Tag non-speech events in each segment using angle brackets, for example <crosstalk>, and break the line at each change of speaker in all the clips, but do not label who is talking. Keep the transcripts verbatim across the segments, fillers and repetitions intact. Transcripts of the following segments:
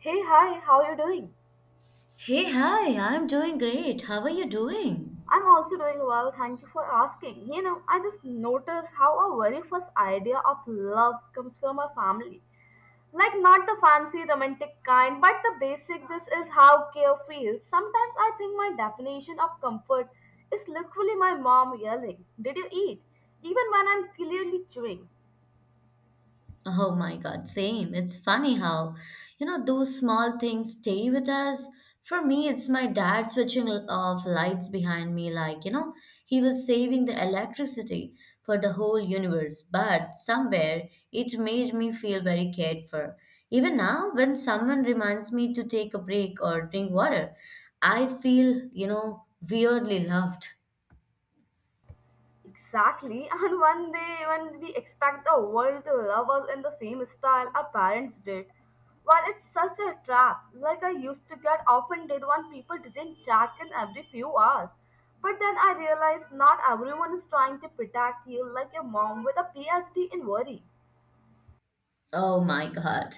Hey, hi, how are you doing?
Hey, hi, I'm doing great. How are you doing?
I'm also doing well, thank you for asking. You know, I just noticed how our very first idea of love comes from our family. Like, not the fancy romantic kind, but the basic this is how care feels. Sometimes I think my definition of comfort is literally my mom yelling, did you eat? Even when I'm clearly chewing.
Oh my God, same. It's funny how, you know, those small things stay with us. For me, it's my dad switching l- off lights behind me, like, you know, he was saving the electricity for the whole universe. But somewhere, it made me feel very cared for. Even now, when someone reminds me to take a break or drink water, I feel, you know, weirdly loved.
Exactly, <laughs> and one day when we expect the world to love us in the same style our parents did. Well, it's such a trap. Like I used to get offended when people didn't check in every few hours. But then I realized not everyone is trying to protect you like your mom with a PhD in worry.
Oh my God.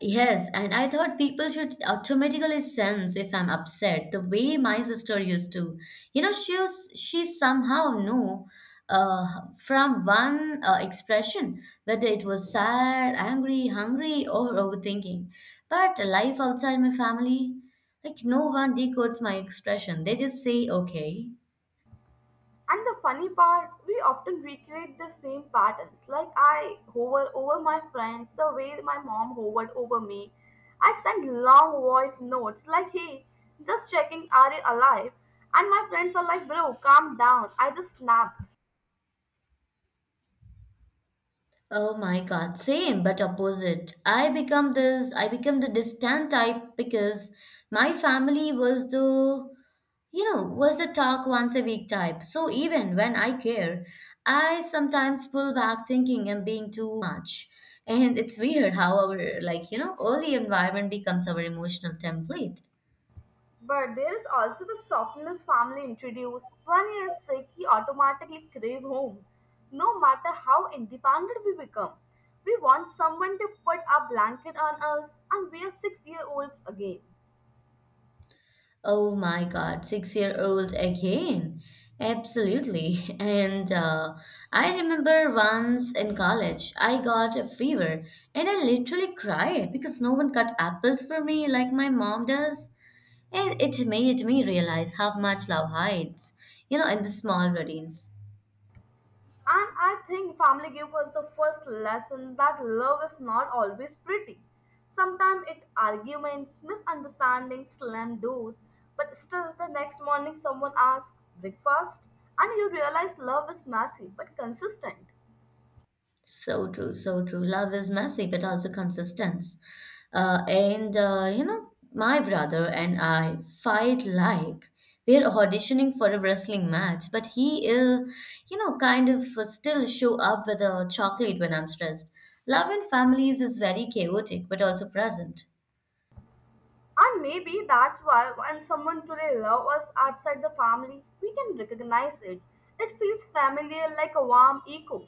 Yes, and I thought people should automatically sense if I'm upset, the way my sister used to. You know, she was, she somehow knew uh, from one uh, expression whether it was sad, angry, hungry, or overthinking. But life outside my family, like no one decodes my expression. They just say, okay.
And the funny part, we often recreate the same patterns. Like I hover over my friends the way my mom hovered over me. I send long voice notes like, hey, just checking, are you alive? And my friends are like, bro, calm down. I just snapped.
Oh my God, same but opposite. I become this, I become the distant type because my family was the, you know, was the talk once a week type. So even when I care, I sometimes pull back thinking I'm being too much. And it's weird how our, like, you know, early environment becomes our emotional template.
But there is also the softness family introduced. When he is sick, he automatically crave home. No matter how independent we become, we want someone to put a blanket on us and we are six year olds again.
Oh my God, six year old again. Absolutely. <laughs> And uh, I remember once in college, I got a fever and I literally cried because no one cut apples for me like my mom does. And it made me realize how much love hides, you know, in the small routines.
And I think family gave us the first lesson that love is not always pretty. Sometimes it arguments, misunderstandings, slam doors, but still the next morning someone asks, breakfast? And you realize love is messy but consistent.
So true, so true. Love is messy, but also consistence. Uh, and uh, you know, my brother and I fight like we're auditioning for a wrestling match, but he will, you know, kind of still show up with a chocolate when I'm stressed. Love in families is very chaotic, but also present.
And maybe that's why when someone truly loves us outside the family, we can recognize it. It feels familiar like a warm echo.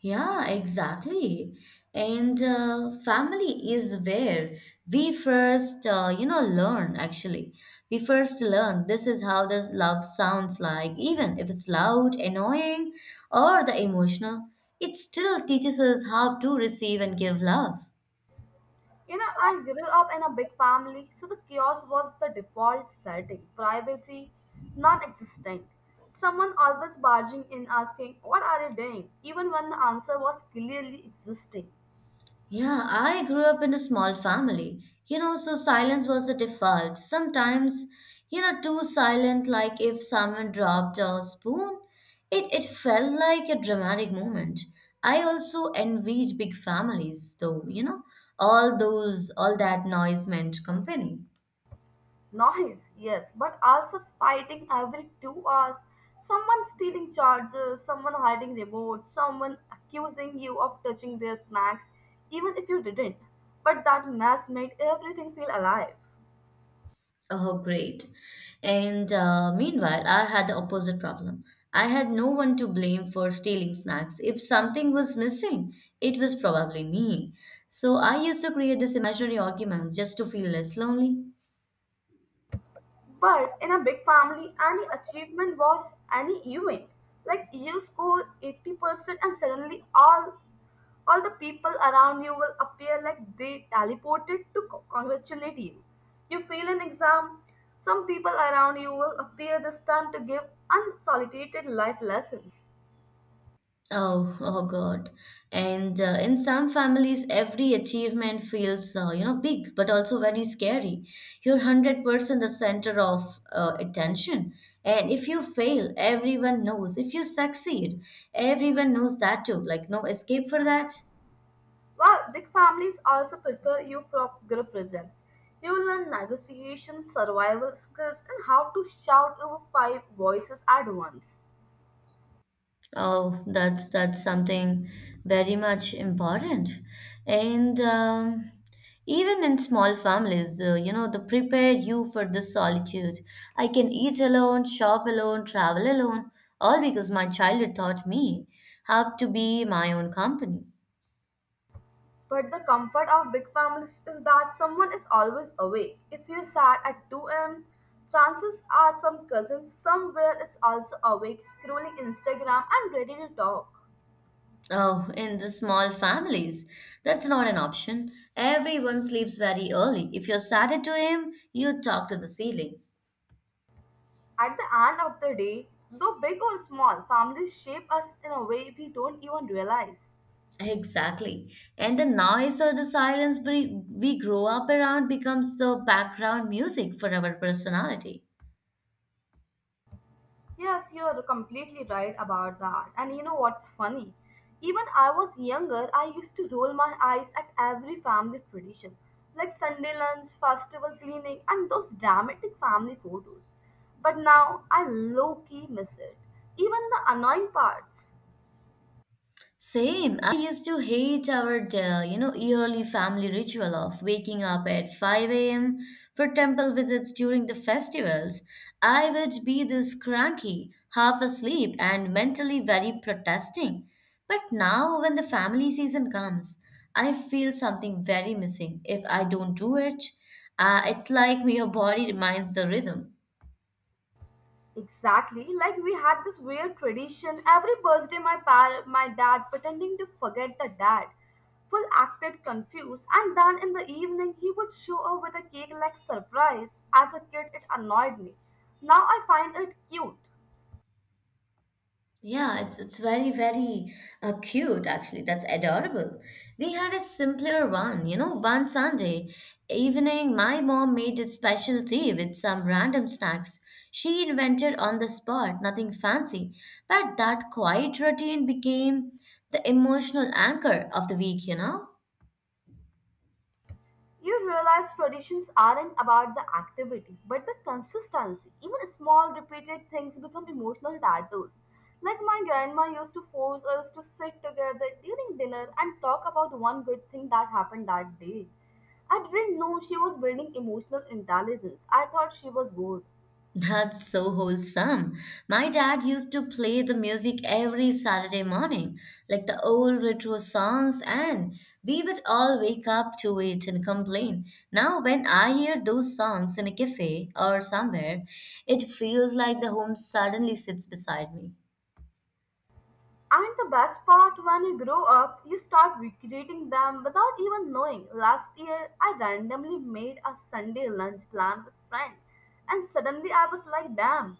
Yeah, exactly. And uh, family is where we first, uh, you know, learn actually. We first learn this is how this love sounds like, even if it's loud, annoying, or the emotional. It still teaches us how to receive and give love.
You know, I grew up in a big family, so the chaos was the default setting. Privacy, non existent. Someone always barging in asking, what are you doing? Even when the answer was clearly existing.
Yeah, I grew up in a small family, you know, so silence was a default. Sometimes, you know, too silent, like if someone dropped a spoon, it, it felt like a dramatic moment. I also envied big families, though, you know, all those, all that noise meant company.
Noise, yes, but also fighting every two hours. Someone stealing chargers, someone hiding remotes. Someone accusing you of touching their snacks, even if you didn't. But that mess made everything feel alive.
Oh, great. And uh, meanwhile, I had the opposite problem. I had no one to blame for stealing snacks. If something was missing, it was probably me. So I used to create this imaginary arguments just to feel less lonely.
But in a big family, any achievement was any event. Like you score eighty percent and suddenly all all the people around you will appear like they teleported to co- congratulate you. You fail an exam, some people around you will appear this time to give unsolicited life lessons.
Oh, oh God. And uh, in some families, every achievement feels, uh, you know, big, but also very scary. You're one hundred percent the center of uh, attention. And if you fail, everyone knows. If you succeed, everyone knows that too. Like, no escape for that.
While big families also prepare you for group projects, you will learn negotiation, survival skills, and how to shout over five voices at once.
Oh, that's that's something very much important. And um, even in small families, the, you know, they prepare you for this solitude. I can eat alone, shop alone, travel alone, all because my childhood taught me how to be my own company.
But the comfort of big families is that someone is always awake. If you're sad at two a m, chances are some cousin somewhere is also awake, scrolling Instagram and ready to talk.
Oh, in the small families, that's not an option. Everyone sleeps very early. If you're sad at two a m, you talk to the ceiling.
At the end of the day, though big or small, families shape us in a way we don't even realize.
Exactly. And the noise or the silence we, we grow up around becomes the background music for our personality.
Yes, you are completely right about that. And you know what's funny? Even I was younger, I used to roll my eyes at every family tradition, like Sunday lunch, festival cleaning, and those dramatic family photos. But now I low key miss it, even the annoying parts.
Same. I used to hate our, uh, you know, yearly family ritual of waking up at five a m for temple visits during the festivals. I would be this cranky, half asleep, and mentally very protesting. But now, when the family season comes, I feel something very missing if I don't do it. Uh, it's like <laughs> your body reminds the rhythm.
Exactly, like we had this weird tradition. Every birthday, my par- my dad pretending to forget the dad, full acted confused, and then in the evening he would show up with a cake like surprise. As a kid, it annoyed me. Now I find it cute.
Yeah, it's it's very very uh, cute actually. That's adorable. We had a simpler one, you know. One Sunday evening, my mom made a special tea with some random snacks. She invented on the spot, nothing fancy, but that quiet routine became the emotional anchor of the week, you know.
You realize traditions aren't about the activity, but the consistency. Even small repeated things become emotional tattoos. Like my grandma used to force us to sit together during dinner and talk about one good thing that happened that day. I didn't know she was building emotional intelligence. I thought she was bored.
That's so wholesome. My dad used to play the music every Saturday morning, like the old retro songs, and we would all wake up to it and complain. Now, when I hear those songs in a cafe or somewhere, it feels like the home suddenly sits beside me.
And the best part, when you grow up, you start recreating them without even knowing. Last year, I randomly made a Sunday lunch plan with friends, and suddenly I was like, damn,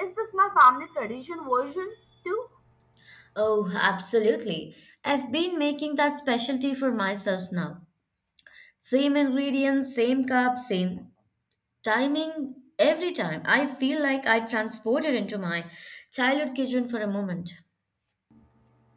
is this my family tradition version too?
Oh, absolutely. I've been making that specialty for myself now. Same ingredients, same cup, same Timing every time. I feel like I transported into my childhood kitchen for a moment.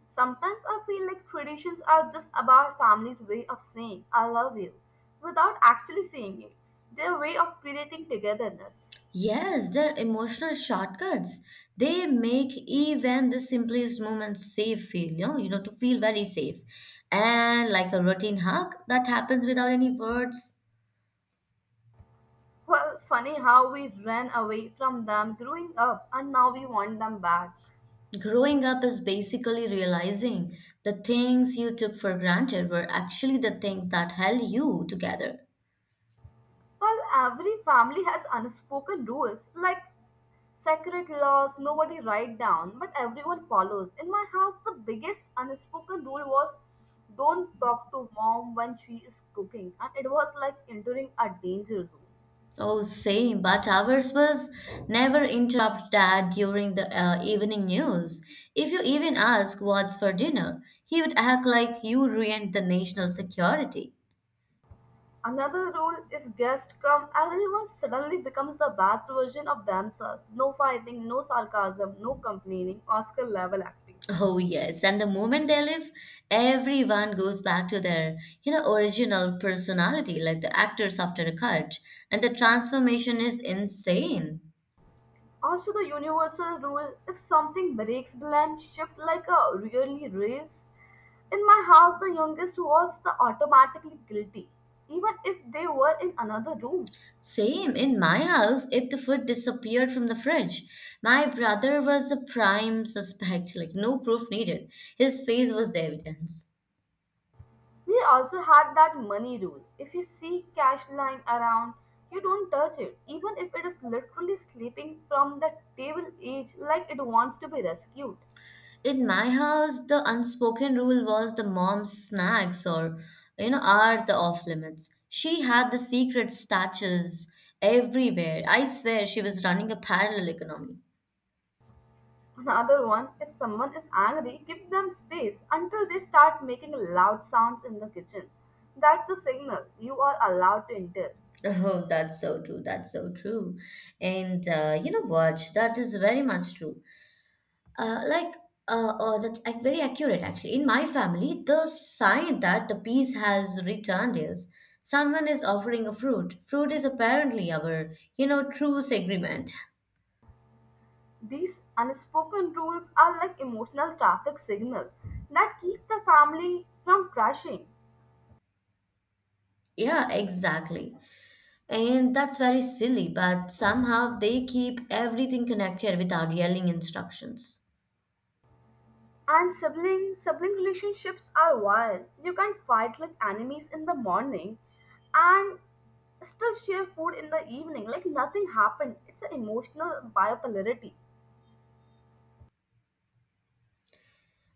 Sometimes I feel like traditions are just about family's way of saying, I love you, without actually saying it, their way of creating togetherness.
Yes, they're emotional shortcuts. They make even the simplest moments safe feel, you know, you know, to feel very safe. And like a routine hug that happens without any words.
Well, funny how we ran away from them growing up and now we want them back.
Growing up is basically realizing the things you took for granted were actually the things that held you together.
Well, every family has unspoken rules, like secret laws nobody write down, but everyone follows. In my house, the biggest unspoken rule was don't talk to mom when she is cooking, and it was like entering a danger zone.
Oh, same, but ours was never interrupt dad during the uh, evening news. If you even ask what's for dinner, he would act like you ruined the national security.
Another rule, if guests come, everyone suddenly becomes the best version of themselves. No fighting, no sarcasm, no complaining, Oscar level acting.
Oh, yes, and the moment they leave, everyone goes back to their, you know, original personality, like the actors after a cut, and the transformation is insane.
Also, the universal rule if something breaks, blame shift like a really race. In my house, the youngest was the automatically guilty, even if they were in another room.
Same in my house, if the food disappeared from the fridge, my brother was the prime suspect, <laughs> like no proof needed. His face was the evidence.
We also had that money rule. If you see cash lying around, you don't touch it, even if it is literally sleeping from the table edge like it wants to be rescued.
In my house, the unspoken rule was the mom's snacks or, you know, are the off limits. She had the secret statues everywhere. I swear she was running a parallel economy. <laughs>
Another one, if someone is angry, give them space until they start making loud sounds in the kitchen. That's the signal you are allowed to enter.
Oh, that's so true. That's so true. And uh, you know what? That is very much true. Uh, like, uh, oh, that's ac- very accurate actually. In my family, the sign that the peace has returned is someone is offering a fruit. Fruit is apparently our, you know, truce agreement. <laughs>
These unspoken rules are like emotional traffic signals that keep the family from crashing.
Yeah, exactly. And that's very silly, but somehow they keep everything connected without yelling instructions.
And sibling sibling relationships are wild. You can fight like enemies in the morning and still share food in the evening like nothing happened. It's an emotional bipolarity.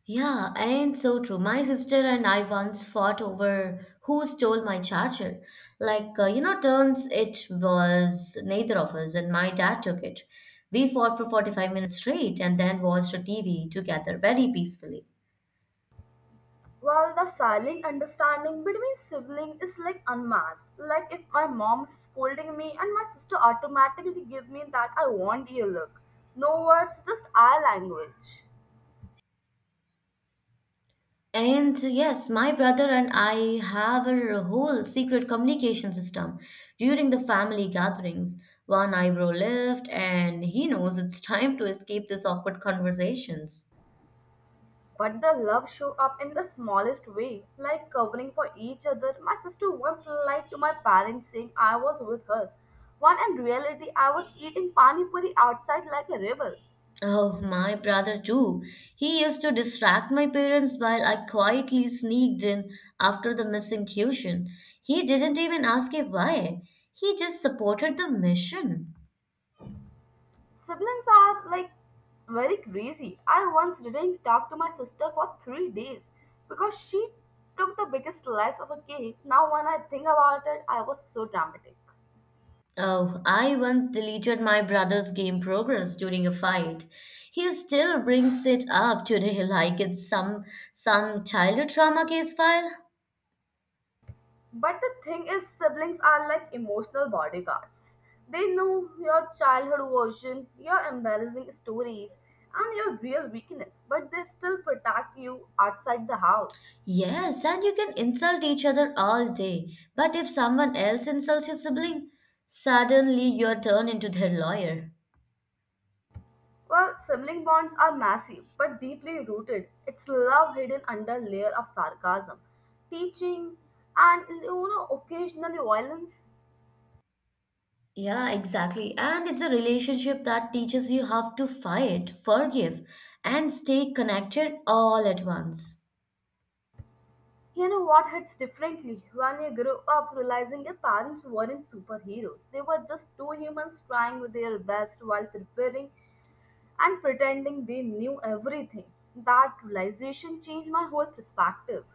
Yeah, and so true. My sister and I once fought over who stole my charger. Like, uh, you know, turns it was neither of us, and my dad took it. We fought for forty-five minutes straight and then watched a T V together very peacefully.
Well, the silent understanding between siblings is like unmatched. Like if my mom is scolding me and my sister automatically give me that I want you look. No words, just eye language.
And yes, my brother and I have a whole secret communication system during the family gatherings. One eyebrow lift, and he knows it's <laughs> time to escape these awkward conversations.
But the love show up in the smallest way, like covering for each other. My sister once lied to my parents saying I was with her. When in reality I was eating pani puri outside like a rebel.
Oh, my brother too. He used to distract my parents while I quietly sneaked in after the missing tuition. He didn't even ask it why. He just supported the mission.
Siblings are like very crazy. I once didn't talk to my sister for three days because she took the biggest slice of a cake. Now, when I think about it, I was so dramatic.
Oh, I once deleted my brother's game progress during a fight. He still brings it up today <laughs> like it's some some childhood trauma case file.
But the thing is, siblings are like emotional bodyguards. They know your childhood version, your embarrassing stories, and your real weakness, but they still protect you outside the house.
Yes, and you can insult each other all day. But if someone else insults your sibling, suddenly you're turned into their lawyer.
Well, sibling bonds are massive but deeply rooted. It's love hidden under layer of sarcasm, teaching, and you know occasionally violence.
Yeah, exactly. And it's a relationship that teaches you how to fight, forgive, and stay connected all at once.
You know what hits differently when you grow up realizing your parents weren't superheroes. They were just two humans trying their best while preparing and pretending they knew everything. That realization changed my whole perspective.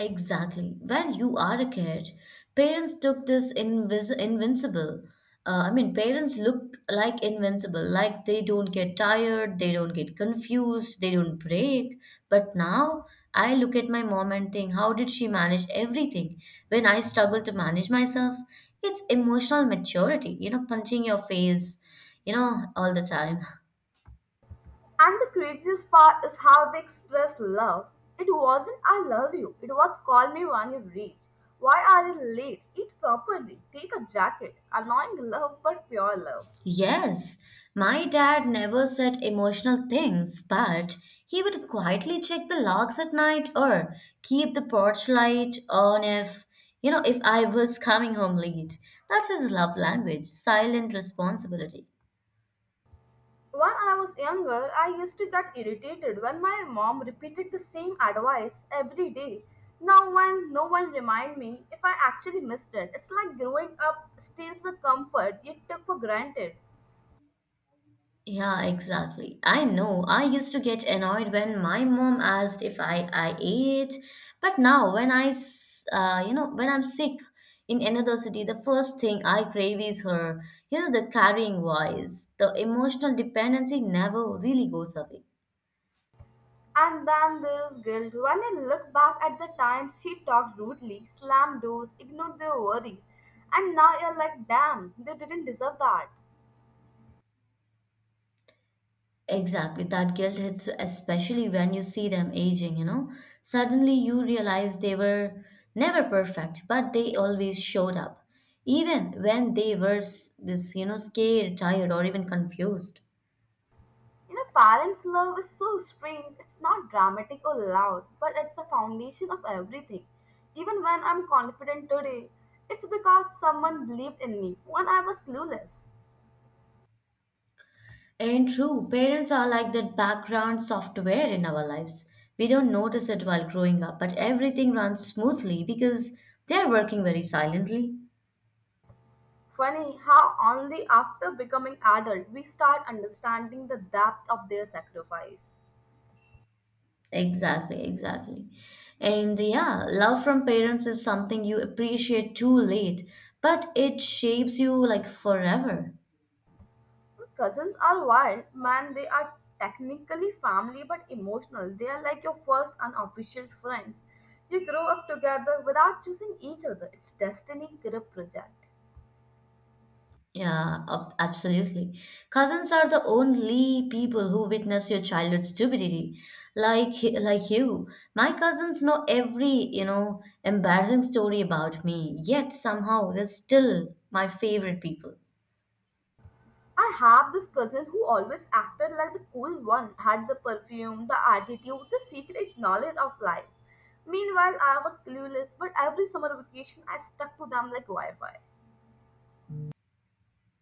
Exactly. When you are a kid. Parents took this invis invincible. Uh, I mean, parents look like invincible, like they don't get tired, they don't get confused, they don't break. But now I look at my mom and think, how did she manage everything when I struggle to manage myself? It's emotional maturity, you know, punching your face, you know, all the time. <laughs>
And the craziest part is how they express love. It wasn't I love you, it was call me when you reach. Why are you late? Eat properly. Take a jacket. Annoying love, but pure love.
Yes, my dad never said emotional things, but he would quietly check the logs at night or keep the porch light on if, you know, if I was coming home late. That's his love language, silent responsibility.
When I was younger, I used to get irritated when my mom repeated the same advice every day. Now, when no one remind me if I actually missed it, it's like growing up steals the comfort you took for granted.
Yeah, exactly. I know. I used to get annoyed when my mom asked if I I ate, but now when I s- uh, you know when I'm sick in another city, the first thing I crave is her. You know, the carrying voice. The emotional dependency never really goes away.
And then there's guilt. When I look back at the times she talked rudely, slammed doors, ignored their worries, and now you're like, damn, they didn't deserve that.
Exactly, that guilt hits especially when you see them aging, you know. Suddenly you realize they were never perfect, but they always showed up, even when they were s- this, you know, scared, tired, or even confused.
You know, parents' love is so strange. It's not dramatic or loud, but it's the foundation of everything. Even when I'm confident today, it's because someone believed in me when I was clueless.
And true, parents are like that background software in our lives. We don't notice it while growing up, but everything runs smoothly because they're working very silently.
Funny how only after becoming adult we start understanding the depth of their sacrifice.
Exactly, exactly. And yeah, love from parents is something you appreciate too late, but it shapes you like forever.
Cousins are wild, man. They are technically family but emotional. They are like your first unofficial friends. You grow up together without choosing each other. It's destiny group project.
Yeah, ab- absolutely. Cousins are the only people who witness your childhood stupidity. Like he- like you, my cousins know every, you know, embarrassing story about me, yet somehow they're still my favorite people.
I have this cousin who always acted like the cool one, had the perfume, the attitude, the secret knowledge of life. Meanwhile, I was clueless, but every summer vacation I stuck to them like Wi Fi.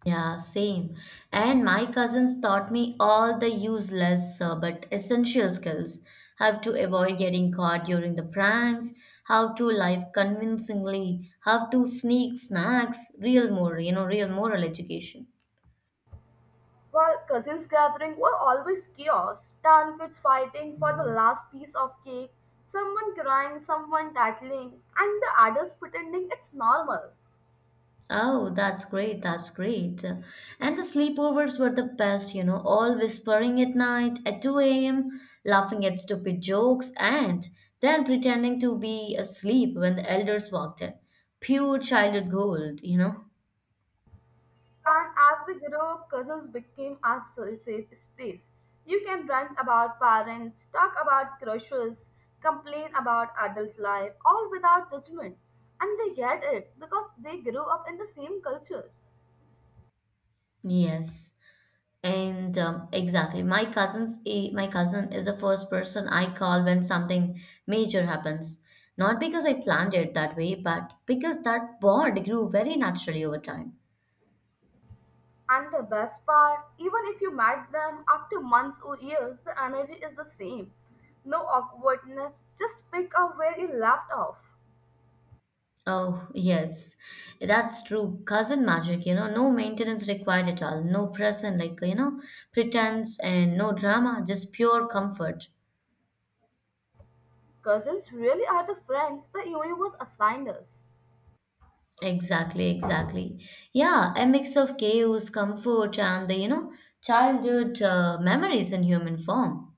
Yeah, same. And my cousins taught me all the useless uh, but essential skills. How to avoid getting caught during the pranks, how to live convincingly, how to sneak snacks, real moral, you know, real moral education.
While cousins gathering were always chaos, town kids fighting for the last piece of cake, someone crying, someone tattling, and the adults pretending it's normal.
Oh, that's great. That's great. And the sleepovers were the best, you know, all whispering at night at two a m, laughing at stupid jokes, and then pretending to be asleep when the elders walked in. Pure childhood gold, you know?
And as we grew up, cousins became our sa- safe space. You can rant about parents, talk about crushes, complain about adult life, all without judgment. And they get it because they grew up in the same culture.
Yes. And um, exactly, my cousin's i- my cousin is the first person I call when something major happens. Not because I planned it that way, but because that bond grew very naturally over time.
And the best part, even if you met them after months or years, the energy is the same. No awkwardness, just pick up where you left off.
Oh, yes, that's true. Cousin magic, you know, no maintenance required at all. No present, like, you know, pretense and no drama, just pure comfort.
Cousins really are the friends the universe assigned us.
Exactly, exactly. Yeah, a mix of chaos, comfort, and the, you know, childhood uh, memories in human form.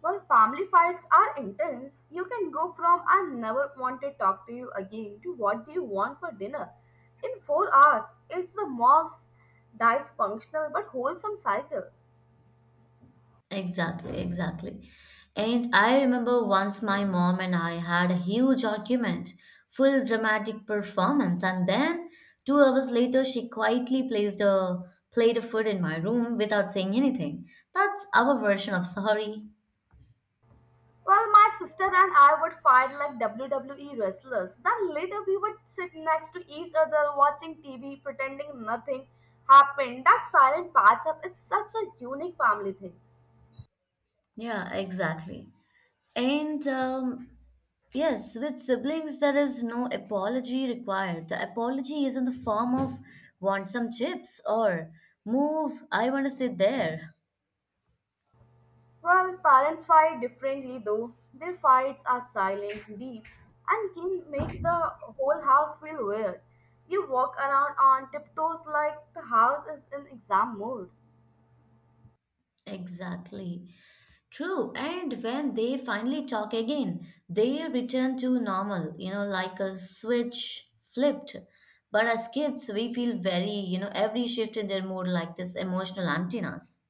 While family fights are intense, you can go from I never want to talk to you again to what do you want for dinner. In four hours, it's the most dysfunctional but wholesome cycle.
Exactly, exactly. And I remember once my mom and I had a huge argument, full dramatic performance, and then two hours later she quietly placed a plate of food in my room without saying anything. That's our version of sorry.
Well, my sister and I would fight like W W E wrestlers. Then later we would sit next to each other watching T V pretending nothing happened. That silent patch up is such a unique family thing.
Yeah, exactly. And um, yes, with siblings, there is no apology required. The apology is in the form of want some chips, or move, I want to sit there.
Well, parents fight differently though. Their fights are silent, deep, and can make the whole house feel weird. You walk around on tiptoes like the house is in exam mode.
Exactly. True, and when they finally talk again, they return to normal, you know, like a switch flipped. But as kids, we feel very, you know, every shift in their mood like this emotional antennas.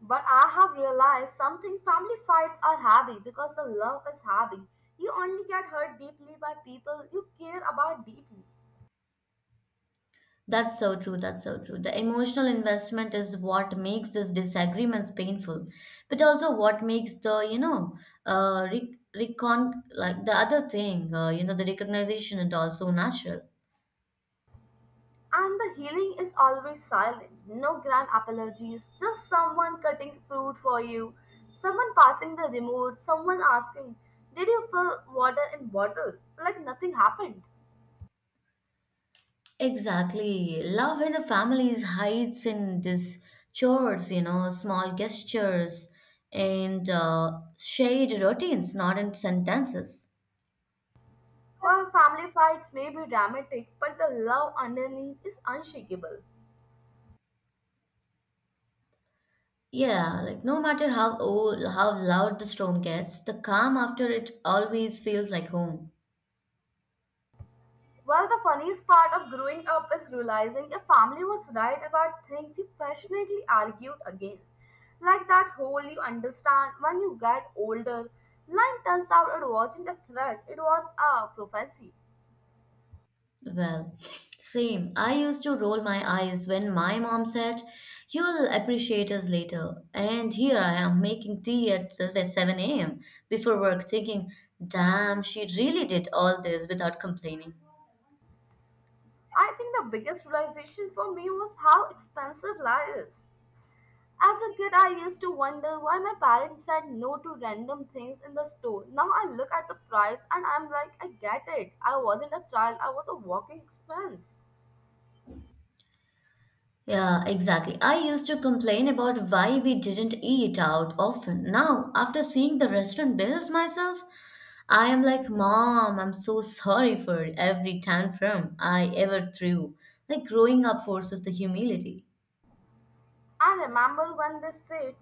But I have realized something family fights are heavy because the love is heavy. You only get hurt deeply by people you care about deeply.
That's so true, that's so true. The emotional investment is what makes these disagreements painful, but also what makes the, you know, uh, rec- recon like the other thing, uh, you know, the recognition and also natural.
And the healing is always silent. No grand apologies, just someone cutting fruit for you, someone passing the remote, someone asking, did you fill water in bottle? Like nothing happened.
Exactly. Love in the families hides in these chores, you know, small gestures and uh, shared routines, not in sentences.
Well, family fights may be dramatic, but the love underneath is unshakable.
Yeah, like no matter how old, how loud the storm gets, the calm after it always feels like home.
Well, the funniest part of growing up is realizing your family was right about things you passionately argued against. Like that whole "you understand when you get older" line, turns out it wasn't a threat, it was a prophecy.
Well, same. I used to roll my eyes when my mom said, "You'll appreciate us later." And here I am making tea at seven a m before work, thinking, "Damn, she really did all this without complaining."
I think the biggest realization for me was how expensive life is. As a kid, I used to wonder why my parents said no to random things in the store. Now I look at the price and I'm like, I get it. I wasn't a child, I was a walking expense.
Yeah, exactly. I used to complain about why we didn't eat out often. Now, after seeing the restaurant bills myself, I am like, "Mom, I'm so sorry for every tantrum I ever threw." Like, growing up forces the humility.
I remember when they said,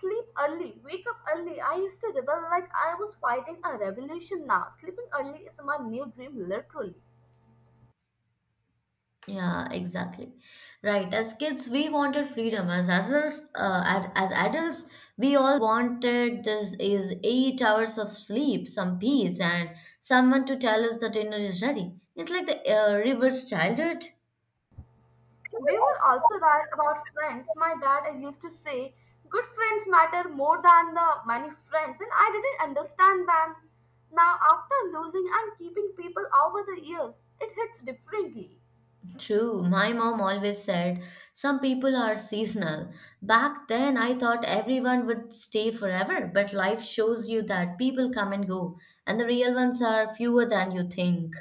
sleep early, wake up early. I used to rebel like I was fighting a revolution. Now sleeping early is my new dream, literally.
Yeah, exactly. Right. As kids, we wanted freedom. As adults, uh, ad- as adults, we all wanted this is eight hours of sleep, some peace, and someone to tell us the dinner is ready. It's like the uh, reverse childhood.
They were also right about friends. My dad used to say, good friends matter more than the many friends, and I didn't understand them. Now, after losing and keeping people over the years, it hits differently.
True. My mom always said some people are seasonal. Back then, I thought everyone would stay forever, but life shows you that people come and go, and the real ones are fewer than you think.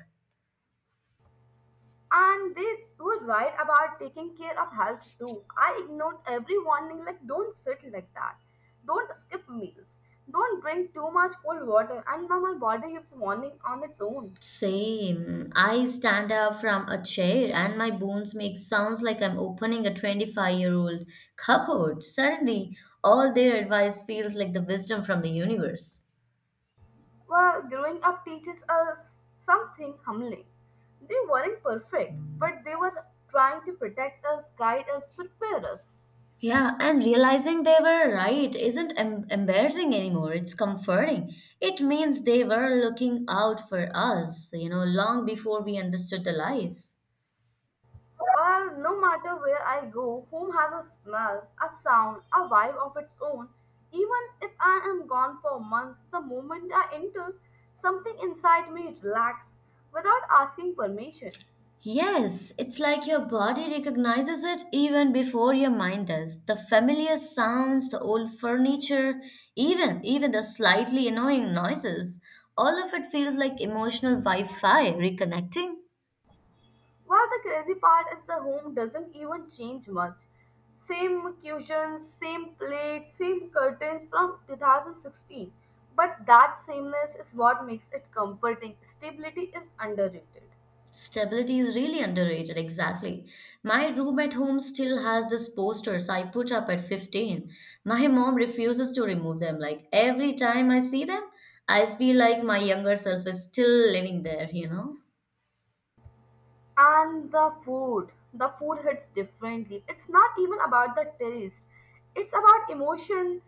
And they were right about taking care of health too. I ignored every warning like don't sit like that, don't skip meals, don't drink too much cold water, and now my body gives warning on its own.
Same. I stand up from a chair and my bones make sounds like I'm opening a twenty-five-year-old cupboard. Suddenly, all their advice feels like the wisdom from the universe.
Well, growing up teaches us something humbling. They weren't perfect, but they were trying to protect us, guide us, prepare us.
Yeah, and realizing they were right isn't em- embarrassing anymore. It's comforting. It means they were looking out for us, you know, long before we understood the life.
Well, no matter where I go, home has a smell, a sound, a vibe of its own. Even if I am gone for months, the moment I enter, something inside me relaxes without asking permission.
Yes, it's like your body recognizes it even before your mind does. The familiar sounds, the old furniture, even even the slightly annoying noises, all of it feels like emotional Wi-Fi reconnecting.
While the crazy part is, the home doesn't even change much. Same cushions, same plates, same curtains from two thousand sixteen. But that sameness is what makes it comforting. Stability is underrated.
Stability is really underrated, exactly. My room at home still has these posters I put up at fifteen. My mom refuses to remove them. Like every time I see them, I feel like my younger self is still living there, you know?
And the food, the food hits differently. It's not even about the taste. It's about emotion,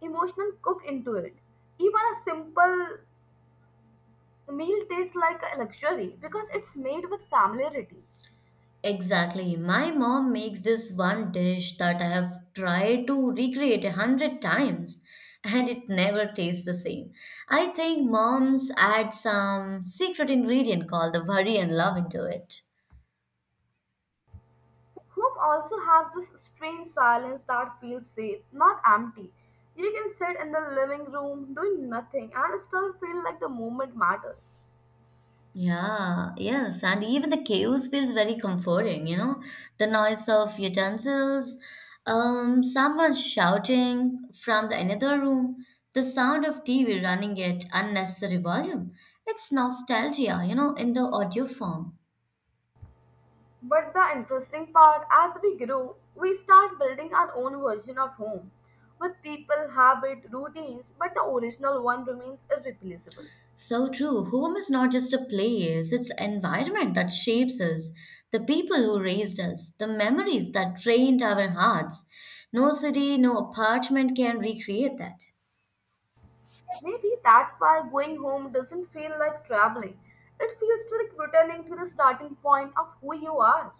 emotional cook into it. Even a simple meal tastes like a luxury because it's made with familiarity.
Exactly. My mom makes this one dish that I have tried to recreate a hundred times and it never tastes the same. I think moms add some secret ingredient called the worry and love into it.
Home also has this strange silence that feels safe, not empty. You can sit in the living room doing nothing and still feel like the moment matters.
Yeah, yes, and even the chaos feels very comforting, you know, the noise of utensils, um, someone shouting from the another room, the sound of T V running at unnecessary volume. It's nostalgia, you know, in the audio form.
But the interesting part, as we grow, we start building our own version of home with people, habit, routines, but the original one remains irreplaceable.
So true. Home is not just a place, it's an environment that shapes us, the people who raised us, the memories that trained our hearts. No city, no apartment can recreate that.
Maybe that's why going home doesn't feel like traveling. It feels like returning to the starting point of who you are.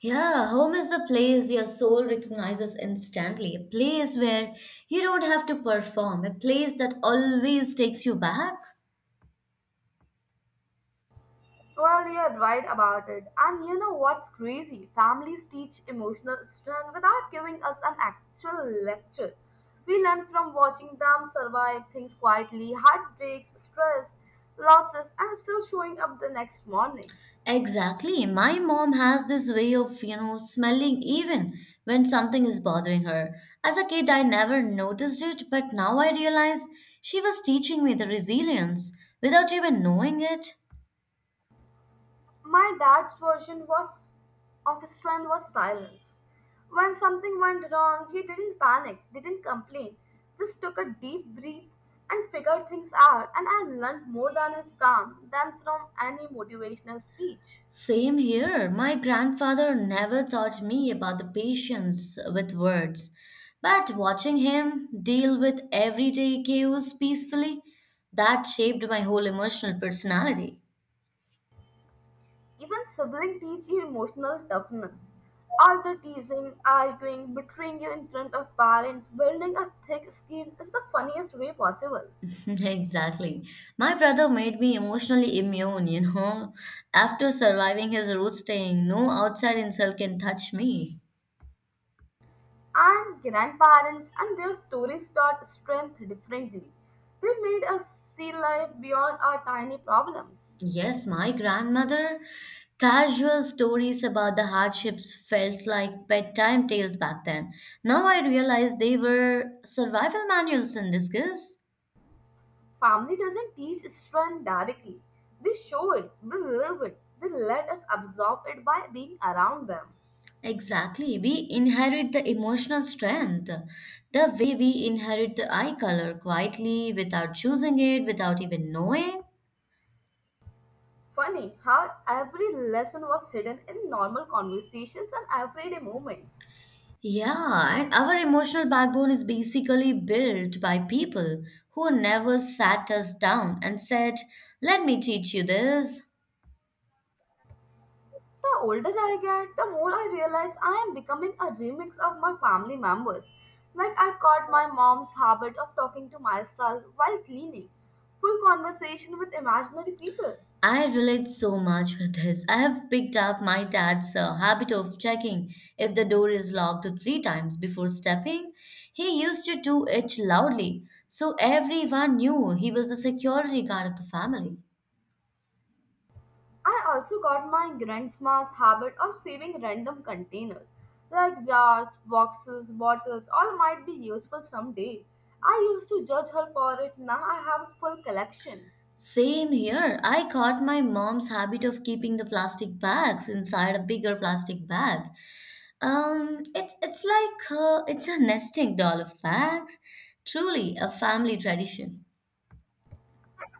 Yeah, home is the place your soul recognizes instantly, a place where you don't have to perform, a place that always takes you back.
Well, you're right about it. And you know what's crazy? Families teach emotional strength without giving us an actual lecture. We learn from watching them survive things quietly, heartbreaks, stress, losses, and still showing up the next morning.
Exactly. My mom has this way of, you know, smelling even when something is bothering her. As a kid, I never noticed it, but now I realize she was teaching me the resilience without even knowing it.
My dad's version was of strength was silence. When something went wrong, he didn't panic, didn't complain, just took a deep breath and figured things out. And I learned more than his calm than from any motivational speech.
Same here. My grandfather never taught me about the patience with words, but watching him deal with everyday chaos peacefully, that shaped my whole emotional personality.
Even sibling teach you emotional toughness. All the teasing, arguing, betraying you in front of parents, building a thick skin is the funniest way possible.
<laughs> Exactly. My brother made me emotionally immune, you know. After surviving his roasting, no outside insult can touch me.
And grandparents and their stories taught strength differently. They made us see life beyond our tiny problems.
Yes, my grandmother. Casual stories about the hardships felt like bedtime tales back then. Now I realize they were survival manuals in disguise.
Family doesn't teach strength directly. They show it, they live it, they let us absorb it by being around them.
Exactly. We inherit the emotional strength, the way we inherit the eye color quietly without choosing it, without even knowing.
Funny how every lesson was hidden in normal conversations and everyday moments.
Yeah, and our emotional backbone is basically built by people who never sat us down and said, "Let me teach you this."
The older I get, the more I realize I am becoming a remix of my family members. Like I caught my mom's habit of talking to myself while cleaning, full conversation with imaginary people.
I relate so much with this. I have picked up my dad's uh, habit of checking if the door is locked three times before stepping. He used to do it loudly, so everyone knew he was the security guard of the family.
I also got my grandma's habit of saving random containers, like jars, boxes, bottles, all might be useful someday. I used to judge her for it, now I have a full collection.
Same here. I caught my mom's habit of keeping the plastic bags inside a bigger plastic bag. Um, it's it's like uh, it's a nesting doll of bags. Truly a family tradition.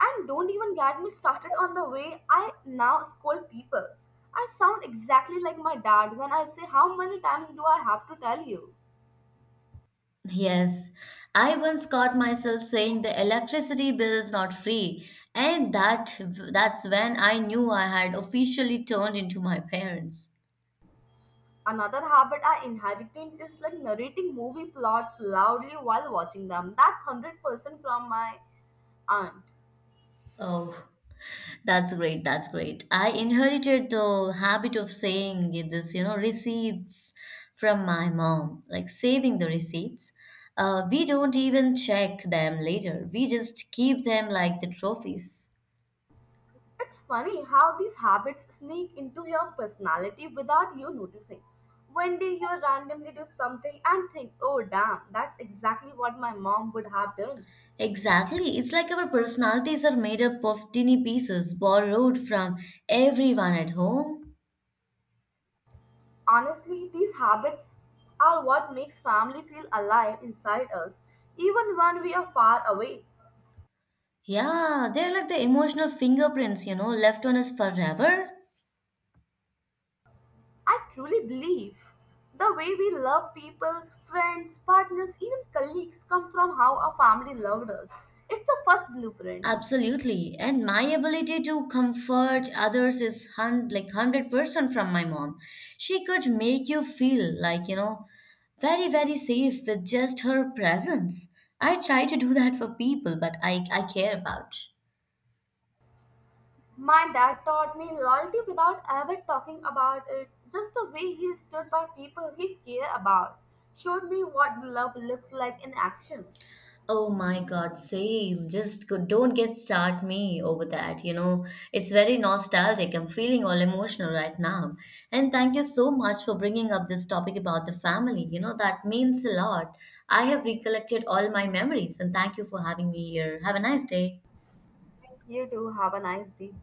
And don't even get me started on the way I now scold people. I sound exactly like my dad when I say, how many times do I have to tell you?
Yes, I once caught myself saying the electricity bill is not free, and that that's when I knew I had officially turned into my parents.
Another habit I inherited is like narrating movie plots loudly while watching them. That's one hundred percent from my aunt.
Oh, that's great, that's great. I inherited the habit of saying it- this, you know, receipts from my mom, like saving the receipts. Uh, we don't even check them later. We just keep them like the trophies.
It's funny how these habits sneak into your personality without you noticing. One day you randomly do something and think, oh damn, that's exactly what my mom would have done.
Exactly. It's like our personalities are made up of tiny pieces borrowed from everyone at home.
Honestly, these habits are what makes family feel alive inside us, even when we are far away.
Yeah, they're like the emotional fingerprints, you know, left on us forever.
I truly believe the way we love people, friends, partners, even colleagues come from how our family loved us. It's the first blueprint.
Absolutely. And my ability to comfort others is hun- like one hundred percent from my mom. She could make you feel like, you know, very, very safe with just her presence. I try to do that for people, but I, I care about.
My dad taught me loyalty without ever talking about it, just the way he stood by people he cared about. Showed me what love looks like in action.
Oh my God, same. Just go, don't get start me over that. You know, it's very nostalgic. I'm feeling all emotional right now. And thank you so much for bringing up this topic about the family. You know, that means a lot. I have recollected all my memories, and thank you for having me here. Have a nice day.
You too, have a nice day.